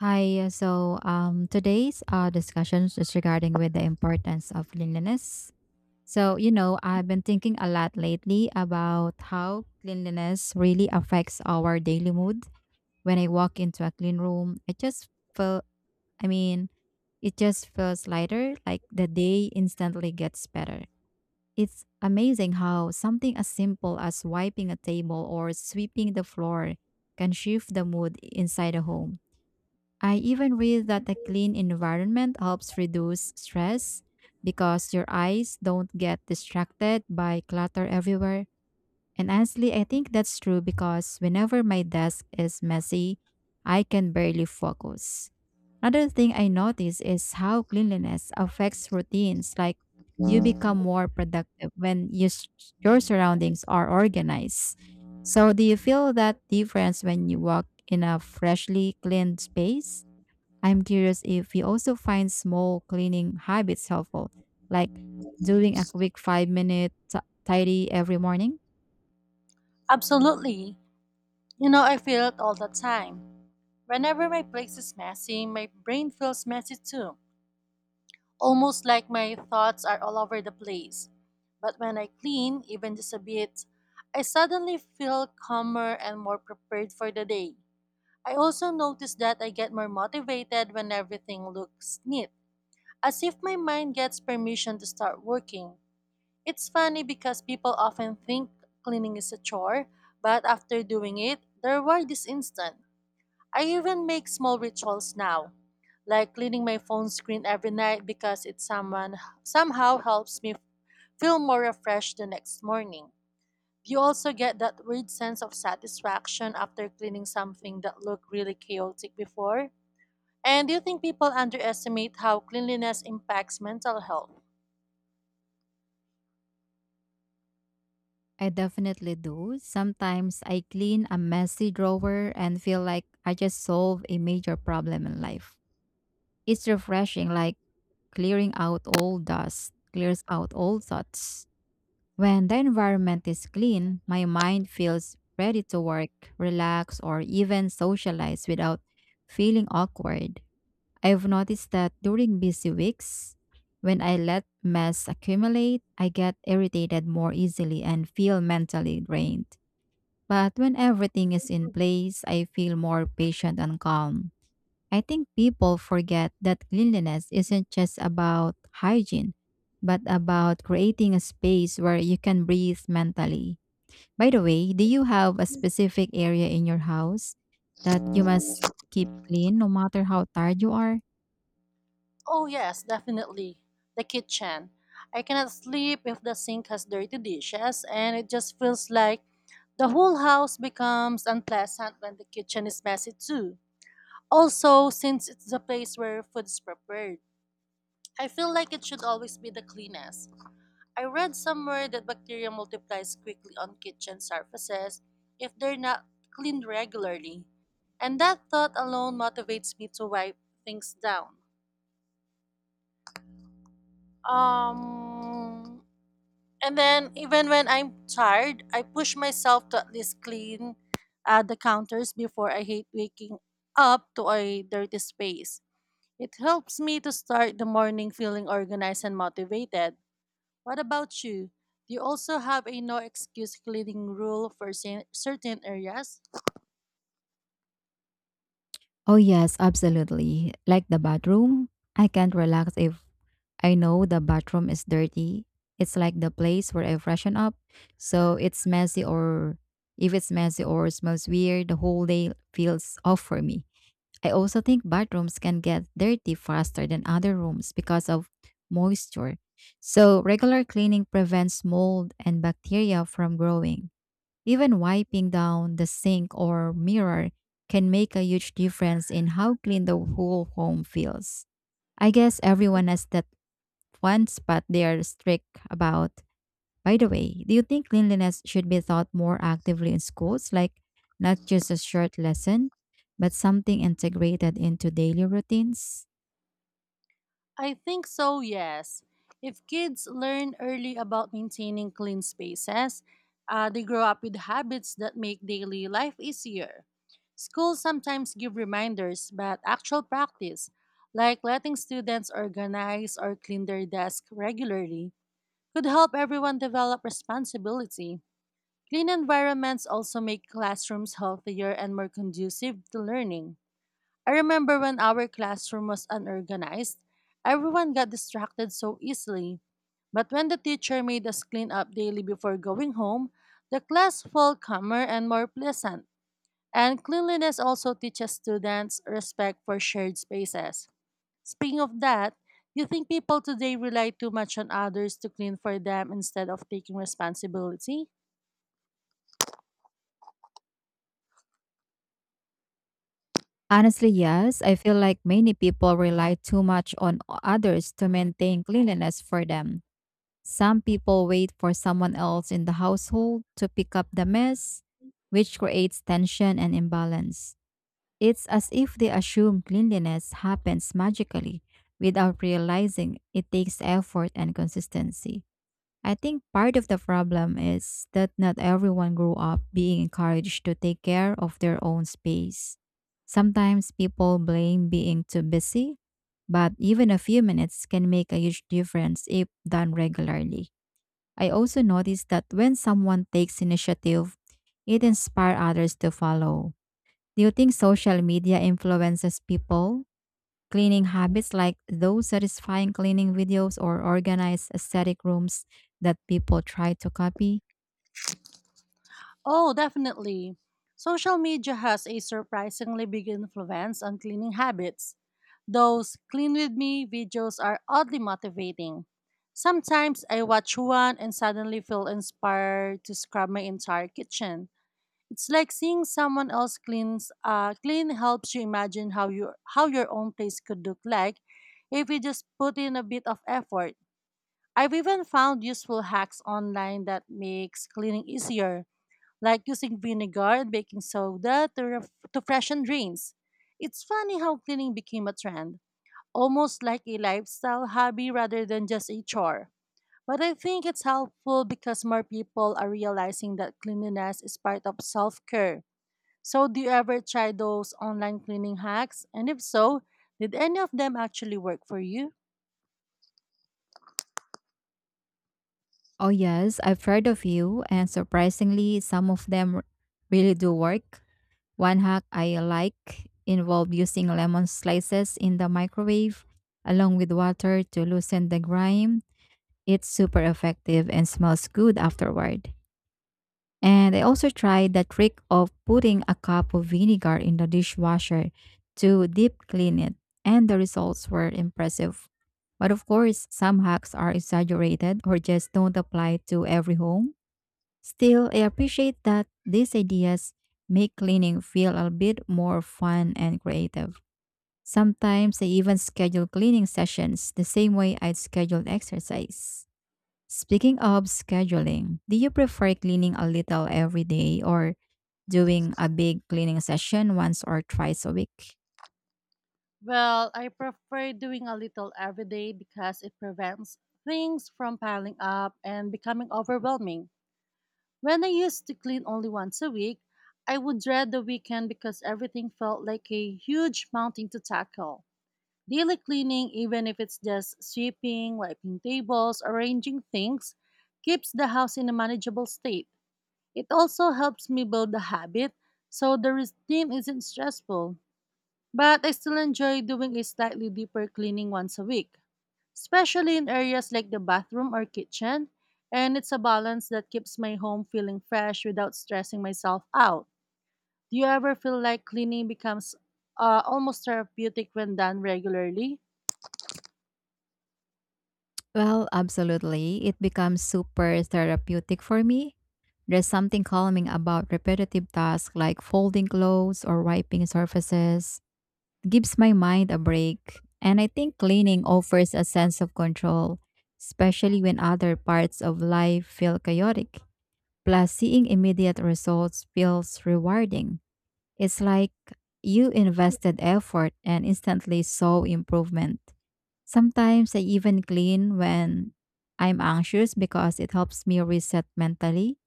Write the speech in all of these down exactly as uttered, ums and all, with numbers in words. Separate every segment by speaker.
Speaker 1: Hi, uh, so um, today's uh, discussion is regarding with the importance of cleanliness. So, you know, I've been thinking a lot lately about how cleanliness really affects our daily mood. When I walk into a clean room, I just feel, I mean, it just feels lighter, like the day instantly gets better. It's amazing how something as simple as wiping a table or sweeping the floor can shift the mood inside a home. I even read that a clean environment helps reduce stress because your eyes don't get distracted by clutter everywhere. And honestly, I think that's true because whenever my desk is messy, I can barely focus. Another thing I notice is how cleanliness affects routines. Like you become more productive when you, s- your surroundings are organized. So, do you feel that difference when you walk in a freshly cleaned space? I'm curious if you also find small cleaning habits helpful, like doing a quick five minute t- tidy every morning.
Speaker 2: Absolutely. You know, I feel it all the time. Whenever my place is messy, my brain feels messy too. Almost like my thoughts are all over the place. But when I clean, even just a bit, I suddenly feel calmer and more prepared for the day. I also notice that I get more motivated when everything looks neat, as if my mind gets permission to start working. It's funny because people often think cleaning is a chore, but after doing it, the reward is instant. I even make small rituals now, like cleaning my phone screen every night because it someone somehow helps me feel more refreshed the next morning. You also get that weird sense of satisfaction after cleaning something that looked really chaotic before. And do you think people underestimate how cleanliness impacts mental health?
Speaker 1: I definitely do. Sometimes I clean a messy drawer and feel like I just solved a major problem in life. It's refreshing, like clearing out all dust, clears out all thoughts. When the environment is clean, my mind feels ready to work, relax, or even socialize without feeling awkward. I've noticed that during busy weeks, when I let mess accumulate, I get irritated more easily and feel mentally drained. But when everything is in place, I feel more patient and calm. I think people forget that cleanliness isn't just about hygiene, but about creating a space where you can breathe mentally. By the way, do you have a specific area in your house that you must keep clean no matter how tired you are?
Speaker 2: Oh, yes, definitely. The kitchen. I cannot sleep if the sink has dirty dishes, and it just feels like the whole house becomes unpleasant when the kitchen is messy too. Also, since it's the place where food is prepared, I feel like it should always be the cleanest. I read somewhere that bacteria multiplies quickly on kitchen surfaces if they're not cleaned regularly. And that thought alone motivates me to wipe things down. Um, And then even when I'm tired, I push myself to at least clean uh, the counters before I hate waking up to a dirty space. It helps me to start the morning feeling organized and motivated. What about you? Do you also have a no excuse cleaning rule for cer- certain areas?
Speaker 1: Oh, yes, absolutely. Like the bathroom, I can't relax if I know the bathroom is dirty. It's like the place where I freshen up. So it's messy or If it's messy or smells weird, the whole day feels off for me. I also think bathrooms can get dirty faster than other rooms because of moisture. So regular cleaning prevents mold and bacteria from growing. Even wiping down the sink or mirror can make a huge difference in how clean the whole home feels. I guess everyone has that once, but they are strict about. By the way, do you think cleanliness should be taught more actively in schools, like not just a short lesson, but something integrated into daily routines?
Speaker 2: I think so, yes. If kids learn early about maintaining clean spaces, uh, they grow up with habits that make daily life easier. Schools sometimes give reminders, but actual practice, like letting students organize or clean their desk regularly, could help everyone develop responsibility. Clean environments also make classrooms healthier and more conducive to learning. I remember when our classroom was unorganized, everyone got distracted so easily. But when the teacher made us clean up daily before going home, the class felt calmer and more pleasant. And cleanliness also teaches students respect for shared spaces. Speaking of that, you think people today rely too much on others to clean for them instead of taking responsibility?
Speaker 1: Honestly, yes. I feel like many people rely too much on o- others to maintain cleanliness for them. Some people wait for someone else in the household to pick up the mess, which creates tension and imbalance. It's as if they assume cleanliness happens magically without realizing it takes effort and consistency. I think part of the problem is that not everyone grew up being encouraged to take care of their own space. Sometimes people blame being too busy, but even a few minutes can make a huge difference if done regularly. I also noticed that when someone takes initiative, it inspires others to follow. Do you think social media influences people? Cleaning habits like those satisfying cleaning videos or organized aesthetic rooms that people try to copy?
Speaker 2: Oh, definitely. Social media has a surprisingly big influence on cleaning habits. Those clean with me videos are oddly motivating. Sometimes I watch one and suddenly feel inspired to scrub my entire kitchen. It's like seeing someone else cleans uh, clean helps you imagine how you how your own place could look like if you just put in a bit of effort. I've even found useful hacks online that makes cleaning easier like using vinegar and baking soda to, ref- to freshen drains, It's funny how cleaning became a trend, almost like a lifestyle hobby rather than just a chore. But I think it's helpful because more people are realizing that cleanliness is part of self care. So, do you ever try those online cleaning hacks? And if so, did any of them actually work for you?
Speaker 1: Oh, yes, I've heard a few, and surprisingly, some of them r- really do work. One hack I like involved using lemon slices in the microwave along with water to loosen the grime. It's super effective and smells good afterward. And I also tried the trick of putting a cup of vinegar in the dishwasher to deep clean it, and the results were impressive. But of course, some hacks are exaggerated or just don't apply to every home. Still, I appreciate that these ideas make cleaning feel a bit more fun and creative. Sometimes I even schedule cleaning sessions the same way I'd scheduled exercise. Speaking of scheduling, do you prefer cleaning a little every day or doing a big cleaning session once or twice a week?
Speaker 2: Well, I prefer doing a little every day because it prevents things from piling up and becoming overwhelming. When I used to clean only once a week, I would dread the weekend because everything felt like a huge mountain to tackle. Daily cleaning, even if it's just sweeping, wiping tables, arranging things, keeps the house in a manageable state. It also helps me build the habit so the routine isn't stressful. But I still enjoy doing a slightly deeper cleaning once a week especially in areas like the bathroom or kitchen. And it's a balance that keeps my home feeling fresh without stressing myself out. Do you ever feel like cleaning becomes uh, almost therapeutic when done regularly?
Speaker 1: Well, absolutely. It becomes super therapeutic for me. There's something calming about repetitive tasks like folding clothes or wiping surfaces. It gives my mind a break. And I think cleaning offers a sense of control, especially when other parts of life feel chaotic. Plus, seeing immediate results feels rewarding. It's like you invested effort and instantly saw improvement. Sometimes I even clean when I'm anxious because it helps me reset mentally.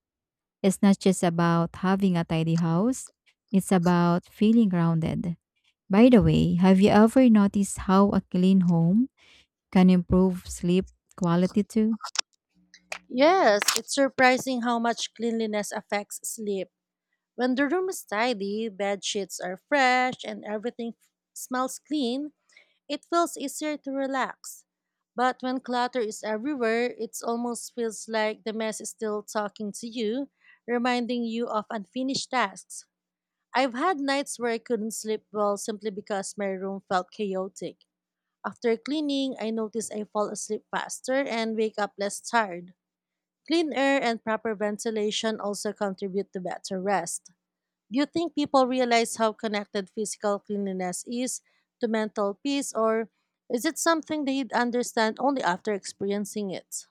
Speaker 1: It's not just about having a tidy house, it's about feeling grounded. By the way, have you ever noticed how a clean home can improve sleep quality too?
Speaker 2: Yes, it's surprising how much cleanliness affects sleep. When the room is tidy, bed sheets are fresh, and everything f- smells clean, it feels easier to relax. But when clutter is everywhere, it almost feels like the mess is still talking to you, reminding you of unfinished tasks. I've had nights where I couldn't sleep well simply because my room felt chaotic. After cleaning, I notice I fall asleep faster and wake up less tired. Clean air and proper ventilation also contribute to better rest. Do you think people realize how connected physical cleanliness is to mental peace, or is it something they understand only after experiencing it?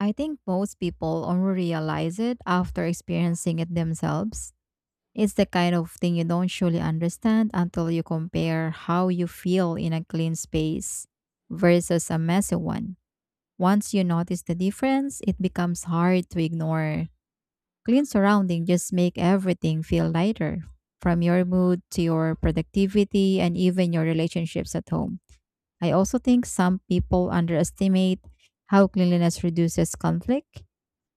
Speaker 1: I think most people only realize it after experiencing it themselves. It's the kind of thing you don't surely understand until you compare how you feel in a clean space versus a messy one. Once you notice the difference, it becomes hard to ignore. Clean surroundings just make everything feel lighter, from your mood to your productivity and even your relationships at home. I also think some people underestimate how cleanliness reduces conflict.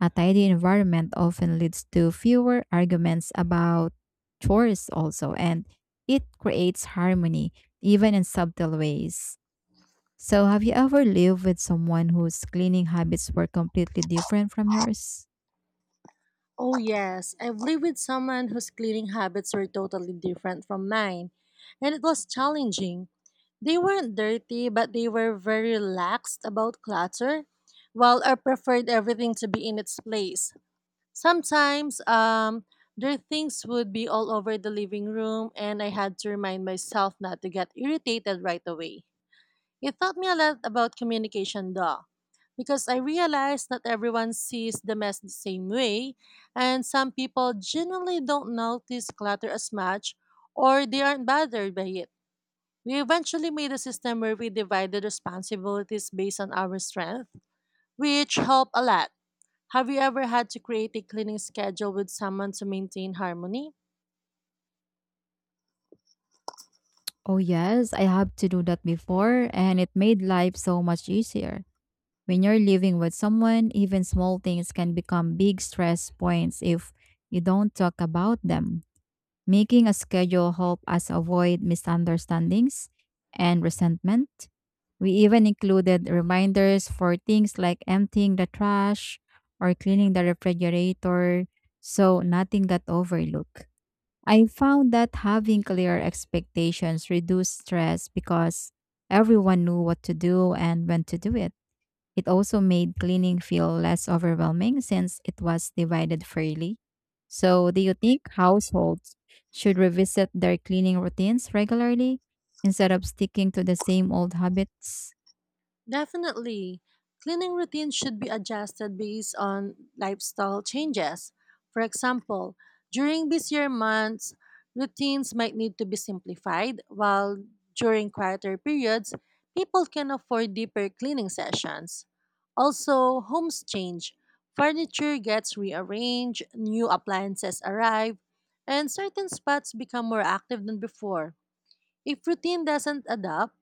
Speaker 1: A tidy environment often leads to fewer arguments about chores, also, and it creates harmony, even in subtle ways. So, have you ever lived with someone whose cleaning habits were completely different from yours?
Speaker 2: Oh, yes. I've lived with someone whose cleaning habits were totally different from mine, and it was challenging. They weren't dirty, but they were very relaxed about clutter, while I preferred everything to be in its place. Sometimes um, their things would be all over the living room, and I had to remind myself not to get irritated right away. It taught me a lot about communication, though, because I realized not everyone sees the mess the same way, and some people genuinely don't notice clutter as much or they aren't bothered by it. We eventually made a system where we divided responsibilities based on our strength, which helped a lot. Have you ever had to create a cleaning schedule with someone to maintain harmony?
Speaker 1: Oh, yes, I have to do that before, and it made life so much easier. When you're living with someone, even small things can become big stress points if you don't talk about them. Making a schedule helps us avoid misunderstandings and resentment. We even included reminders for things like emptying the trash or cleaning the refrigerator so nothing got overlooked. I found that having clear expectations reduced stress because everyone knew what to do and when to do it. It also made cleaning feel less overwhelming since it was divided fairly. So, do you think households should revisit their cleaning routines regularly instead of sticking to the same old habits?
Speaker 2: Definitely. Cleaning routines should be adjusted based on lifestyle changes. For example, during busier months, routines might need to be simplified, while during quieter periods, people can afford deeper cleaning sessions. Also, homes change. Furniture gets rearranged, new appliances arrive, and certain spots become more active than before. If routine doesn't adapt,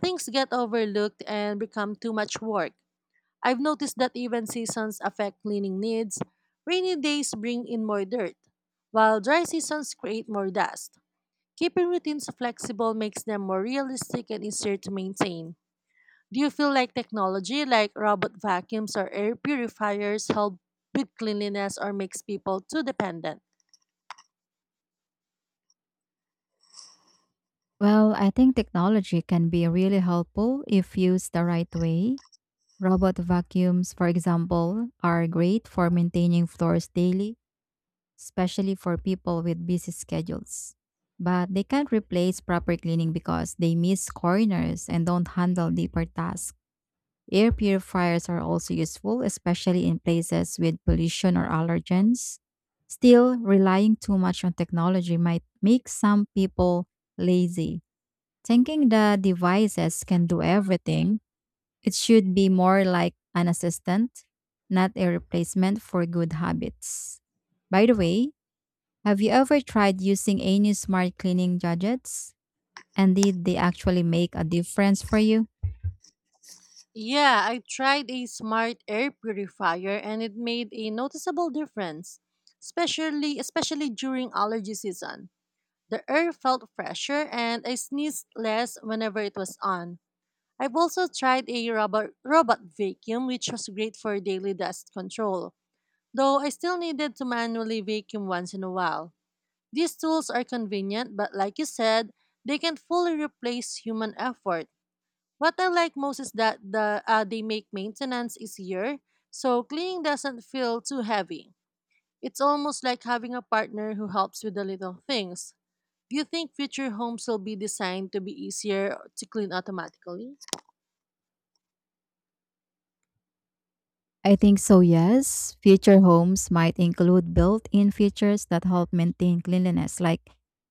Speaker 2: things get overlooked and become too much work. I've noticed that even seasons affect cleaning needs. Rainy days bring in more dirt, while dry seasons create more dust. Keeping routines flexible makes them more realistic and easier to maintain. Do you feel like technology like robot vacuums or air purifiers help with cleanliness or makes people too dependent?
Speaker 1: Well, I think technology can be really helpful if used the right way. Robot vacuums, for example, are great for maintaining floors daily, especially for people with busy schedules. But they can't replace proper cleaning because they miss corners and don't handle deeper tasks. Air purifiers are also useful, especially in places with pollution or allergens. Still, relying too much on technology might make some people lazy. Thinking the devices can do everything, it should be more like an assistant, not a replacement for good habits. By the way, have you ever tried using any smart cleaning gadgets? And did they actually make a difference for you?
Speaker 2: Yeah, I tried a smart air purifier and it made a noticeable difference, especially especially during allergy season. The air felt fresher and I sneezed less whenever it was on. I've also tried a robot robot vacuum which was great for daily dust control, though I still needed to manually vacuum once in a while. These tools are convenient, but like you said, they can't fully replace human effort. What I like most is that the uh, they make maintenance easier, so cleaning doesn't feel too heavy. It's almost like having a partner who helps with the little things. Do you think future homes will be designed to be easier to clean automatically?
Speaker 1: I think so, yes. Future homes might include built in features that help maintain cleanliness, like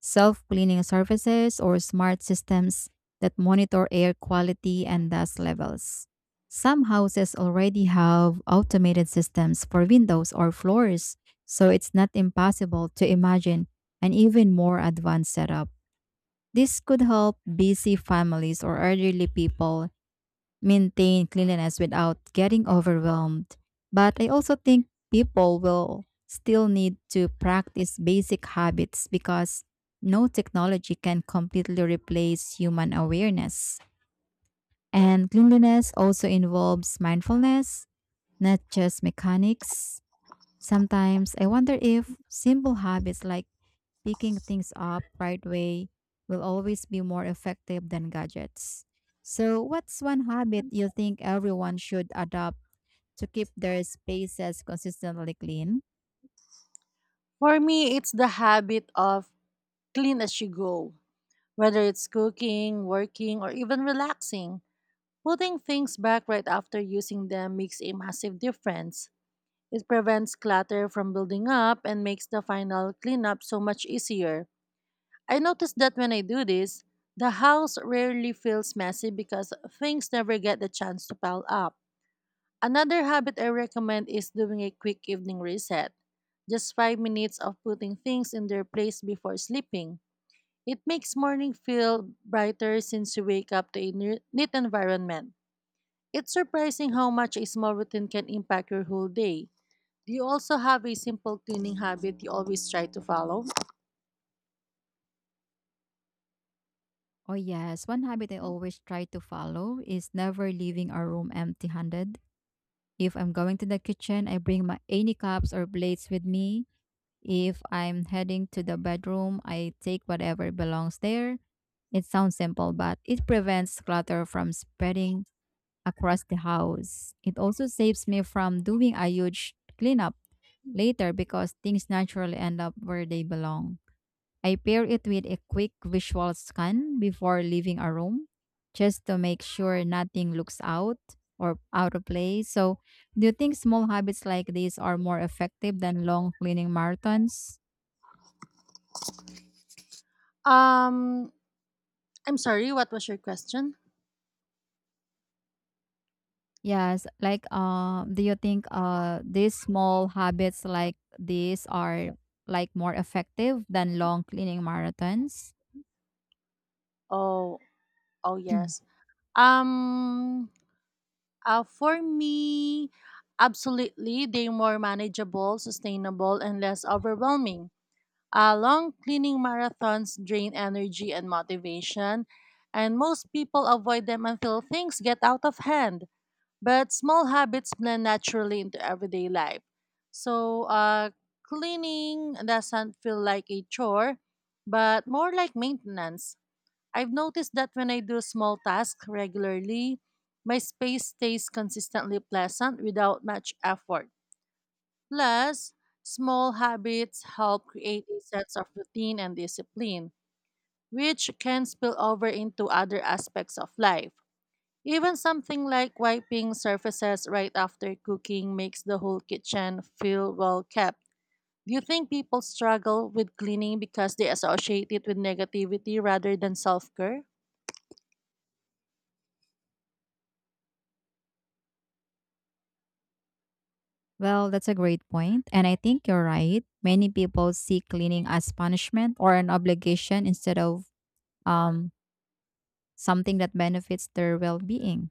Speaker 1: self cleaning surfaces or smart systems that monitor air quality and dust levels. Some houses already have automated systems for windows or floors, so it's not impossible to imagine an even more advanced setup. This could help busy families or elderly people maintain cleanliness without getting overwhelmed. But I also think people will still need to practice basic habits because no technology can completely replace human awareness. And cleanliness also involves mindfulness, not just mechanics. Sometimes I wonder if simple habits like picking things up right way will always be more effective than gadgets. So, what's one habit you think everyone should adopt to keep their spaces consistently clean?
Speaker 2: For me, it's the habit of clean as you go, whether it's cooking, working, or even relaxing. Putting things back right after using them makes a massive difference. It prevents clutter from building up and makes the final cleanup so much easier. I noticed that when I do this, the house rarely feels messy because things never get the chance to pile up. Another habit I recommend is doing a quick evening reset. Just five minutes of putting things in their place before sleeping. It makes morning feel brighter since you wake up to a ne- neat environment. It's surprising how much a small routine can impact your whole day. Do you also have a simple cleaning habit you always try to follow?
Speaker 1: Oh, yes. One habit I always try to follow is never leaving a room empty handed. If I'm going to the kitchen, I bring my any cups or plates with me. If I'm heading to the bedroom, I take whatever belongs there. It sounds simple, but it prevents clutter from spreading across the house. It also saves me from doing a huge cleanup later because things naturally end up where they belong. I pair it with a quick visual scan before leaving a room just to make sure nothing looks out or out of place. So, do you think small habits like these are more effective than long cleaning marathons?
Speaker 2: Um, I'm sorry, what was your question?
Speaker 1: Yes, like uh, do you think uh these small habits like these are like more effective than long cleaning marathons?
Speaker 2: Oh, oh yes. Um, uh, for me, absolutely, they're more manageable, sustainable, and less overwhelming. Uh, long cleaning marathons drain energy and motivation, and most people avoid them until things get out of hand. But small habits blend naturally into everyday life. So uh, cleaning doesn't feel like a chore, but more like maintenance. I've noticed that when I do small tasks regularly, my space stays consistently pleasant without much effort. Plus, small habits help create a sense of routine and discipline, which can spill over into other aspects of life. Even something like wiping surfaces right after cooking makes the whole kitchen feel well kept. Do you think people struggle with cleaning because they associate it with negativity rather than self care?
Speaker 1: Well, that's a great point, and I think you're right. Many people see cleaning as punishment or an obligation instead of um something that benefits their well-being.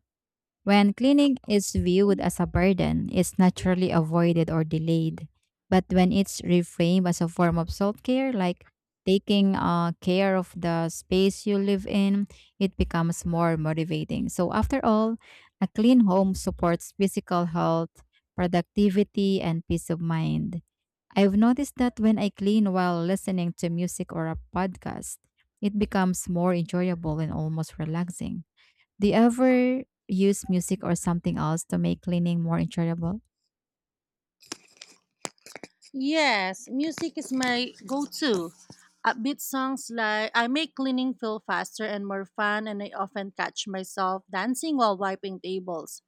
Speaker 1: When cleaning is viewed as a burden, it's naturally avoided or delayed. But when it's reframed as a form of self care, like taking uh, care of the space you live in, it becomes more motivating. So, after all, a clean home supports physical health, productivity, and peace of mind. I've noticed that when I clean while listening to music or a podcast, it becomes more enjoyable and almost relaxing. Do you ever use music or something else to make cleaning more enjoyable?
Speaker 2: Yes, music is my go to. Upbeat songs like I make cleaning feel faster and more fun, and I often catch myself dancing while wiping tables.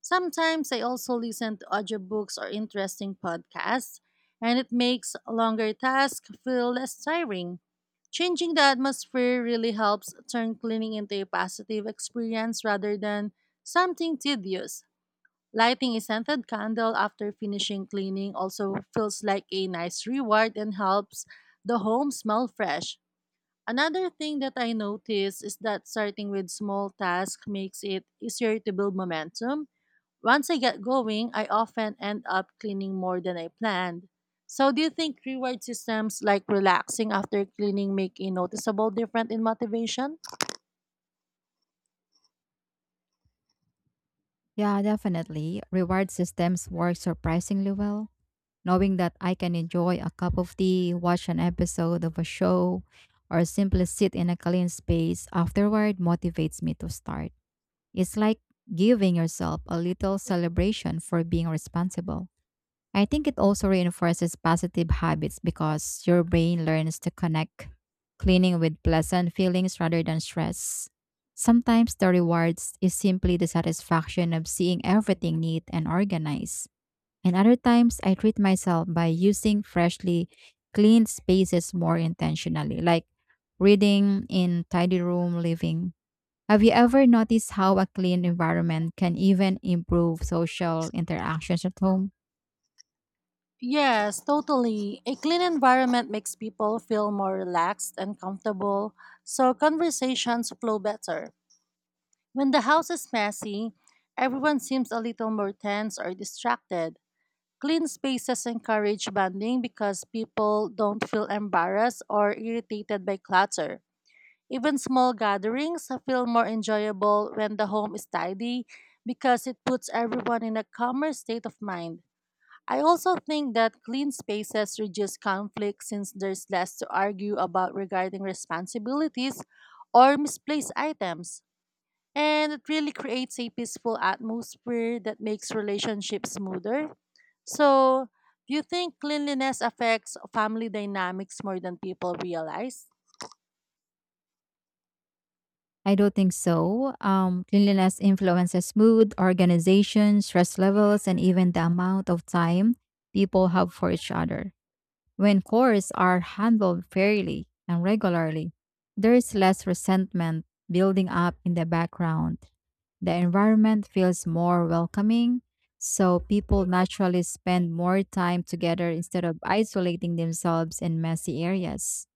Speaker 2: Sometimes I also listen to audiobooks or interesting podcasts, and it makes longer tasks feel less tiring. Changing the atmosphere really helps turn cleaning into a positive experience rather than something tedious. Lighting a scented candle after finishing cleaning also feels like a nice reward and helps the home smell fresh. Another thing that I notice is that starting with small tasks makes it easier to build momentum once I get going, I often end up cleaning more than I planned. So, do you think reward systems like relaxing after cleaning make a noticeable difference in motivation?
Speaker 1: Yeah, definitely. Reward systems work surprisingly well. Knowing that I can enjoy a cup of tea, watch an episode of a show, or simply sit in a clean space afterward motivates me to start. It's like giving yourself a little celebration for being responsible. I think it also reinforces positive habits because your brain learns to connect cleaning with pleasant feelings rather than stress. Sometimes the rewards is simply the satisfaction of seeing everything neat and organized. And other times I treat myself by using freshly cleaned spaces more intentionally, like reading in tidy room living. Have you ever noticed how a clean environment can even improve social interactions at home?
Speaker 2: Yes, totally. A clean environment makes people feel more relaxed and comfortable, so conversations flow better. When the house is messy, everyone seems a little more tense or distracted. Clean spaces encourage bonding because people don't feel embarrassed or irritated by clutter. Even small gatherings feel more enjoyable when the home is tidy because it puts everyone in a calmer state of mind. I also think that clean spaces reduce conflict since there's less to argue about regarding responsibilities or misplaced items, and it really creates a peaceful atmosphere that makes relationships smoother. So, do you think cleanliness affects family dynamics more than people realize?
Speaker 1: I don't think so. Um, cleanliness influences mood, organization, stress levels, and even the amount of time people have for each other. When chores are handled fairly and regularly, there is less resentment building up in the background. The environment feels more welcoming, so people naturally spend more time together instead of isolating themselves in messy areas.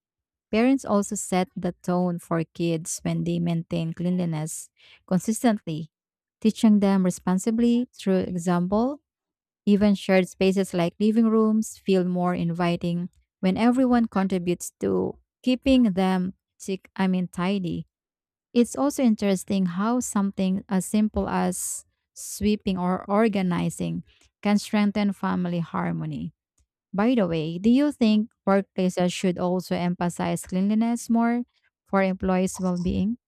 Speaker 1: Parents also set the tone for kids when they maintain cleanliness consistently, teaching them responsibly through example. Even shared spaces like living rooms feel more inviting when everyone contributes to keeping them tick I mean tidy. It's also interesting how something as simple as sweeping or organizing can strengthen family harmony. By the way, do you think workplaces should also emphasize cleanliness more for employees' well being?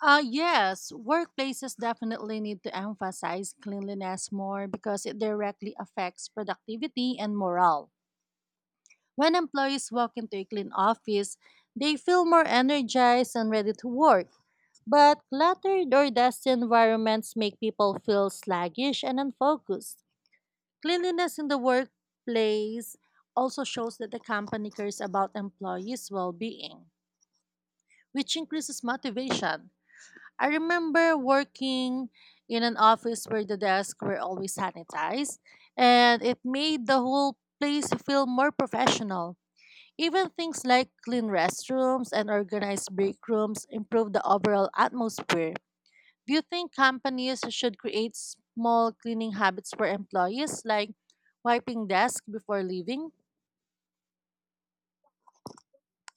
Speaker 2: Uh, yes, workplaces definitely need to emphasize cleanliness more because it directly affects productivity and morale. When employees walk into a clean office, they feel more energized and ready to work. But cluttered or dusty environments make people feel sluggish and unfocused. Cleanliness in the workplace also shows that the company cares about employees' well being, which increases motivation. I remember working in an office where the desks were always sanitized, and it made the whole place feel more professional. Even things like clean restrooms and organized break rooms improve the overall atmosphere. Do you think companies should create small cleaning habits for employees, like wiping desks before leaving?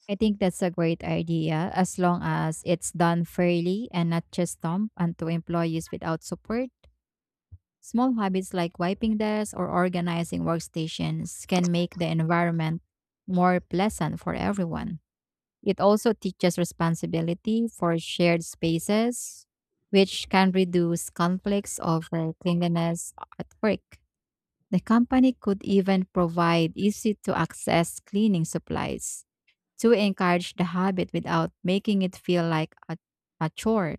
Speaker 1: I think that's a great idea as long as it's done fairly and not just dumped onto employees without support. Small habits like wiping desks or organizing workstations can make the environment more pleasant for everyone. It also teaches responsibility for shared spaces, which can reduce conflicts over cleanliness at work. The company could even provide easy to access cleaning supplies to encourage the habit without making it feel like a, a chore.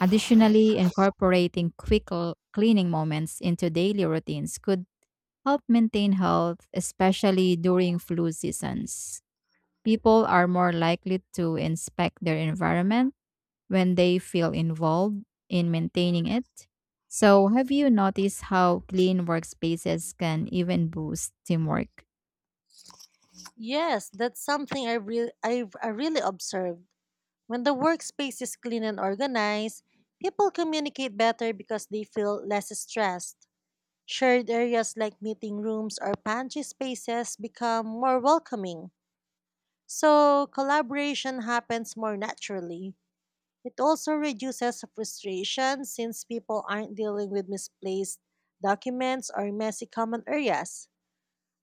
Speaker 1: Additionally, incorporating quick l- cleaning moments into daily routines could help maintain health, especially during flu seasons. People are more likely to inspect their environment when they feel involved in maintaining it. So, have you noticed how clean workspaces can even boost teamwork?
Speaker 2: Yes, that's something I really I've I really observed. When the workspace is clean and organized, people communicate better because they feel less stressed. Shared areas like meeting rooms or pantry spaces become more welcoming, so collaboration happens more naturally. It also reduces frustration since people aren't dealing with misplaced documents or messy common areas.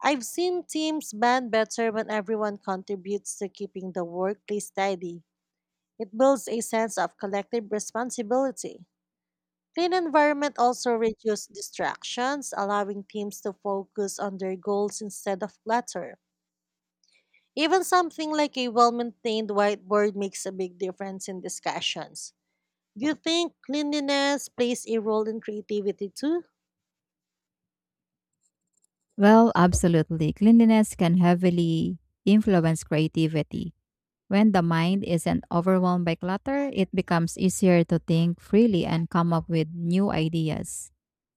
Speaker 2: I've seen teams band better when everyone contributes to keeping the workplace tidy. It builds a sense of collective responsibility. Clean environment also reduces distractions, allowing teams to focus on their goals instead of clutter. Even something like a well-maintained whiteboard makes a big difference in discussions. Do you think cleanliness plays a role in creativity too?
Speaker 1: Well, absolutely. Cleanliness can heavily influence creativity. When the mind isn't overwhelmed by clutter, it becomes easier to think freely and come up with new ideas.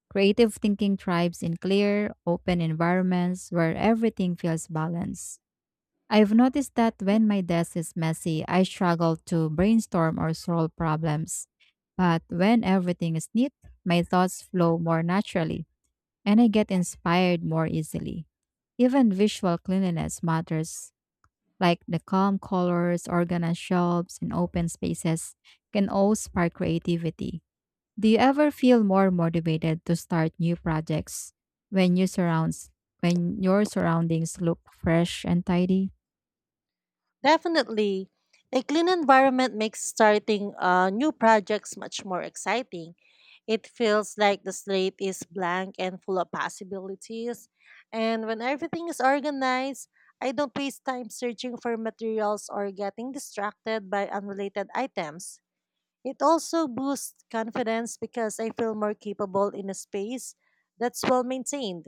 Speaker 1: Creative thinking thrives in clear, open environments where everything feels balanced. I've noticed that when my desk is messy, I struggle to brainstorm or solve problems. But when everything is neat, my thoughts flow more naturally and I get inspired more easily. Even visual cleanliness matters, like the calm colors, organized shelves, and open spaces can all spark creativity. Do you ever feel more motivated to start new projects when you surrounds when your surroundings look fresh and tidy?
Speaker 2: Definitely. A clean environment makes starting uh, new projects much more exciting. It feels like the slate is blank and full of possibilities. And when everything is organized, I don't waste time searching for materials or getting distracted by unrelated items. It also boosts confidence because I feel more capable in a space that's well maintained.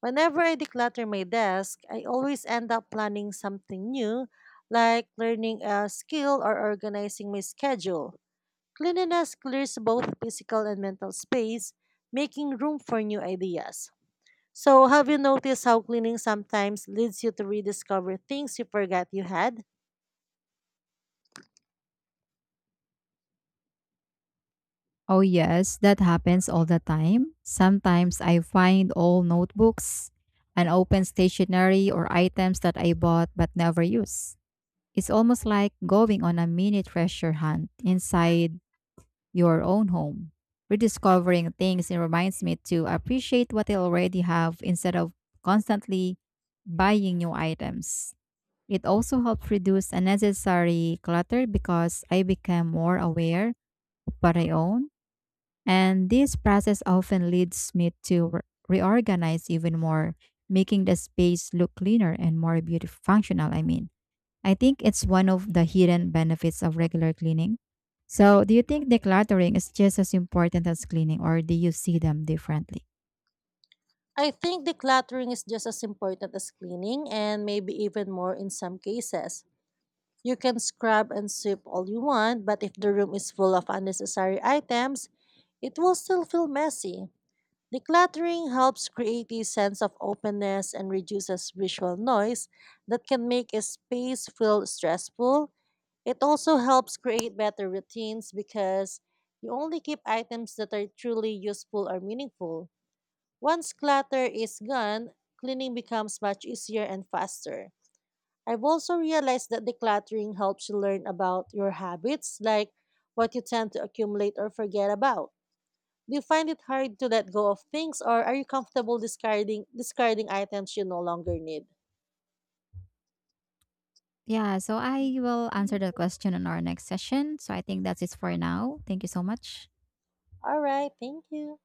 Speaker 2: Whenever I declutter my desk, I always end up planning something new, like learning a skill or organizing my schedule. Cleanliness clears both physical and mental space, making room for new ideas. So, have you noticed how cleaning sometimes leads you to rediscover things you forgot you had?
Speaker 1: Oh, yes, that happens all the time. Sometimes I find old notebooks, unopened stationery, or items that I bought but never use. It's almost like going on a mini treasure hunt inside your own home. Rediscovering things it reminds me to appreciate what I already have instead of constantly buying new items. It also helps reduce unnecessary clutter because I become more aware of what I own and this process often leads me to re- reorganize even more, making the space look cleaner and more beautiful, functional. I mean, I think it's one of the hidden benefits of regular cleaning. So, do you think decluttering is just as important as cleaning, or do you see them differently?
Speaker 2: I think decluttering is just as important as cleaning, and maybe even more in some cases. You can scrub and sweep all you want, but if the room is full of unnecessary items, it will still feel messy. Decluttering helps create a sense of openness and reduces visual noise that can make a space feel stressful. It also helps create better routines because you only keep items that are truly useful or meaningful. Once clutter is gone, cleaning becomes much easier and faster. I've also realized that decluttering helps you learn about your habits, like what you tend to accumulate or forget about. Do you find it hard to let go of things, or are you comfortable discarding discarding items you no longer need?
Speaker 1: Yeah, so I will answer the question in our next session. So, I think that's it for now. Thank you so much.
Speaker 2: All right, thank you.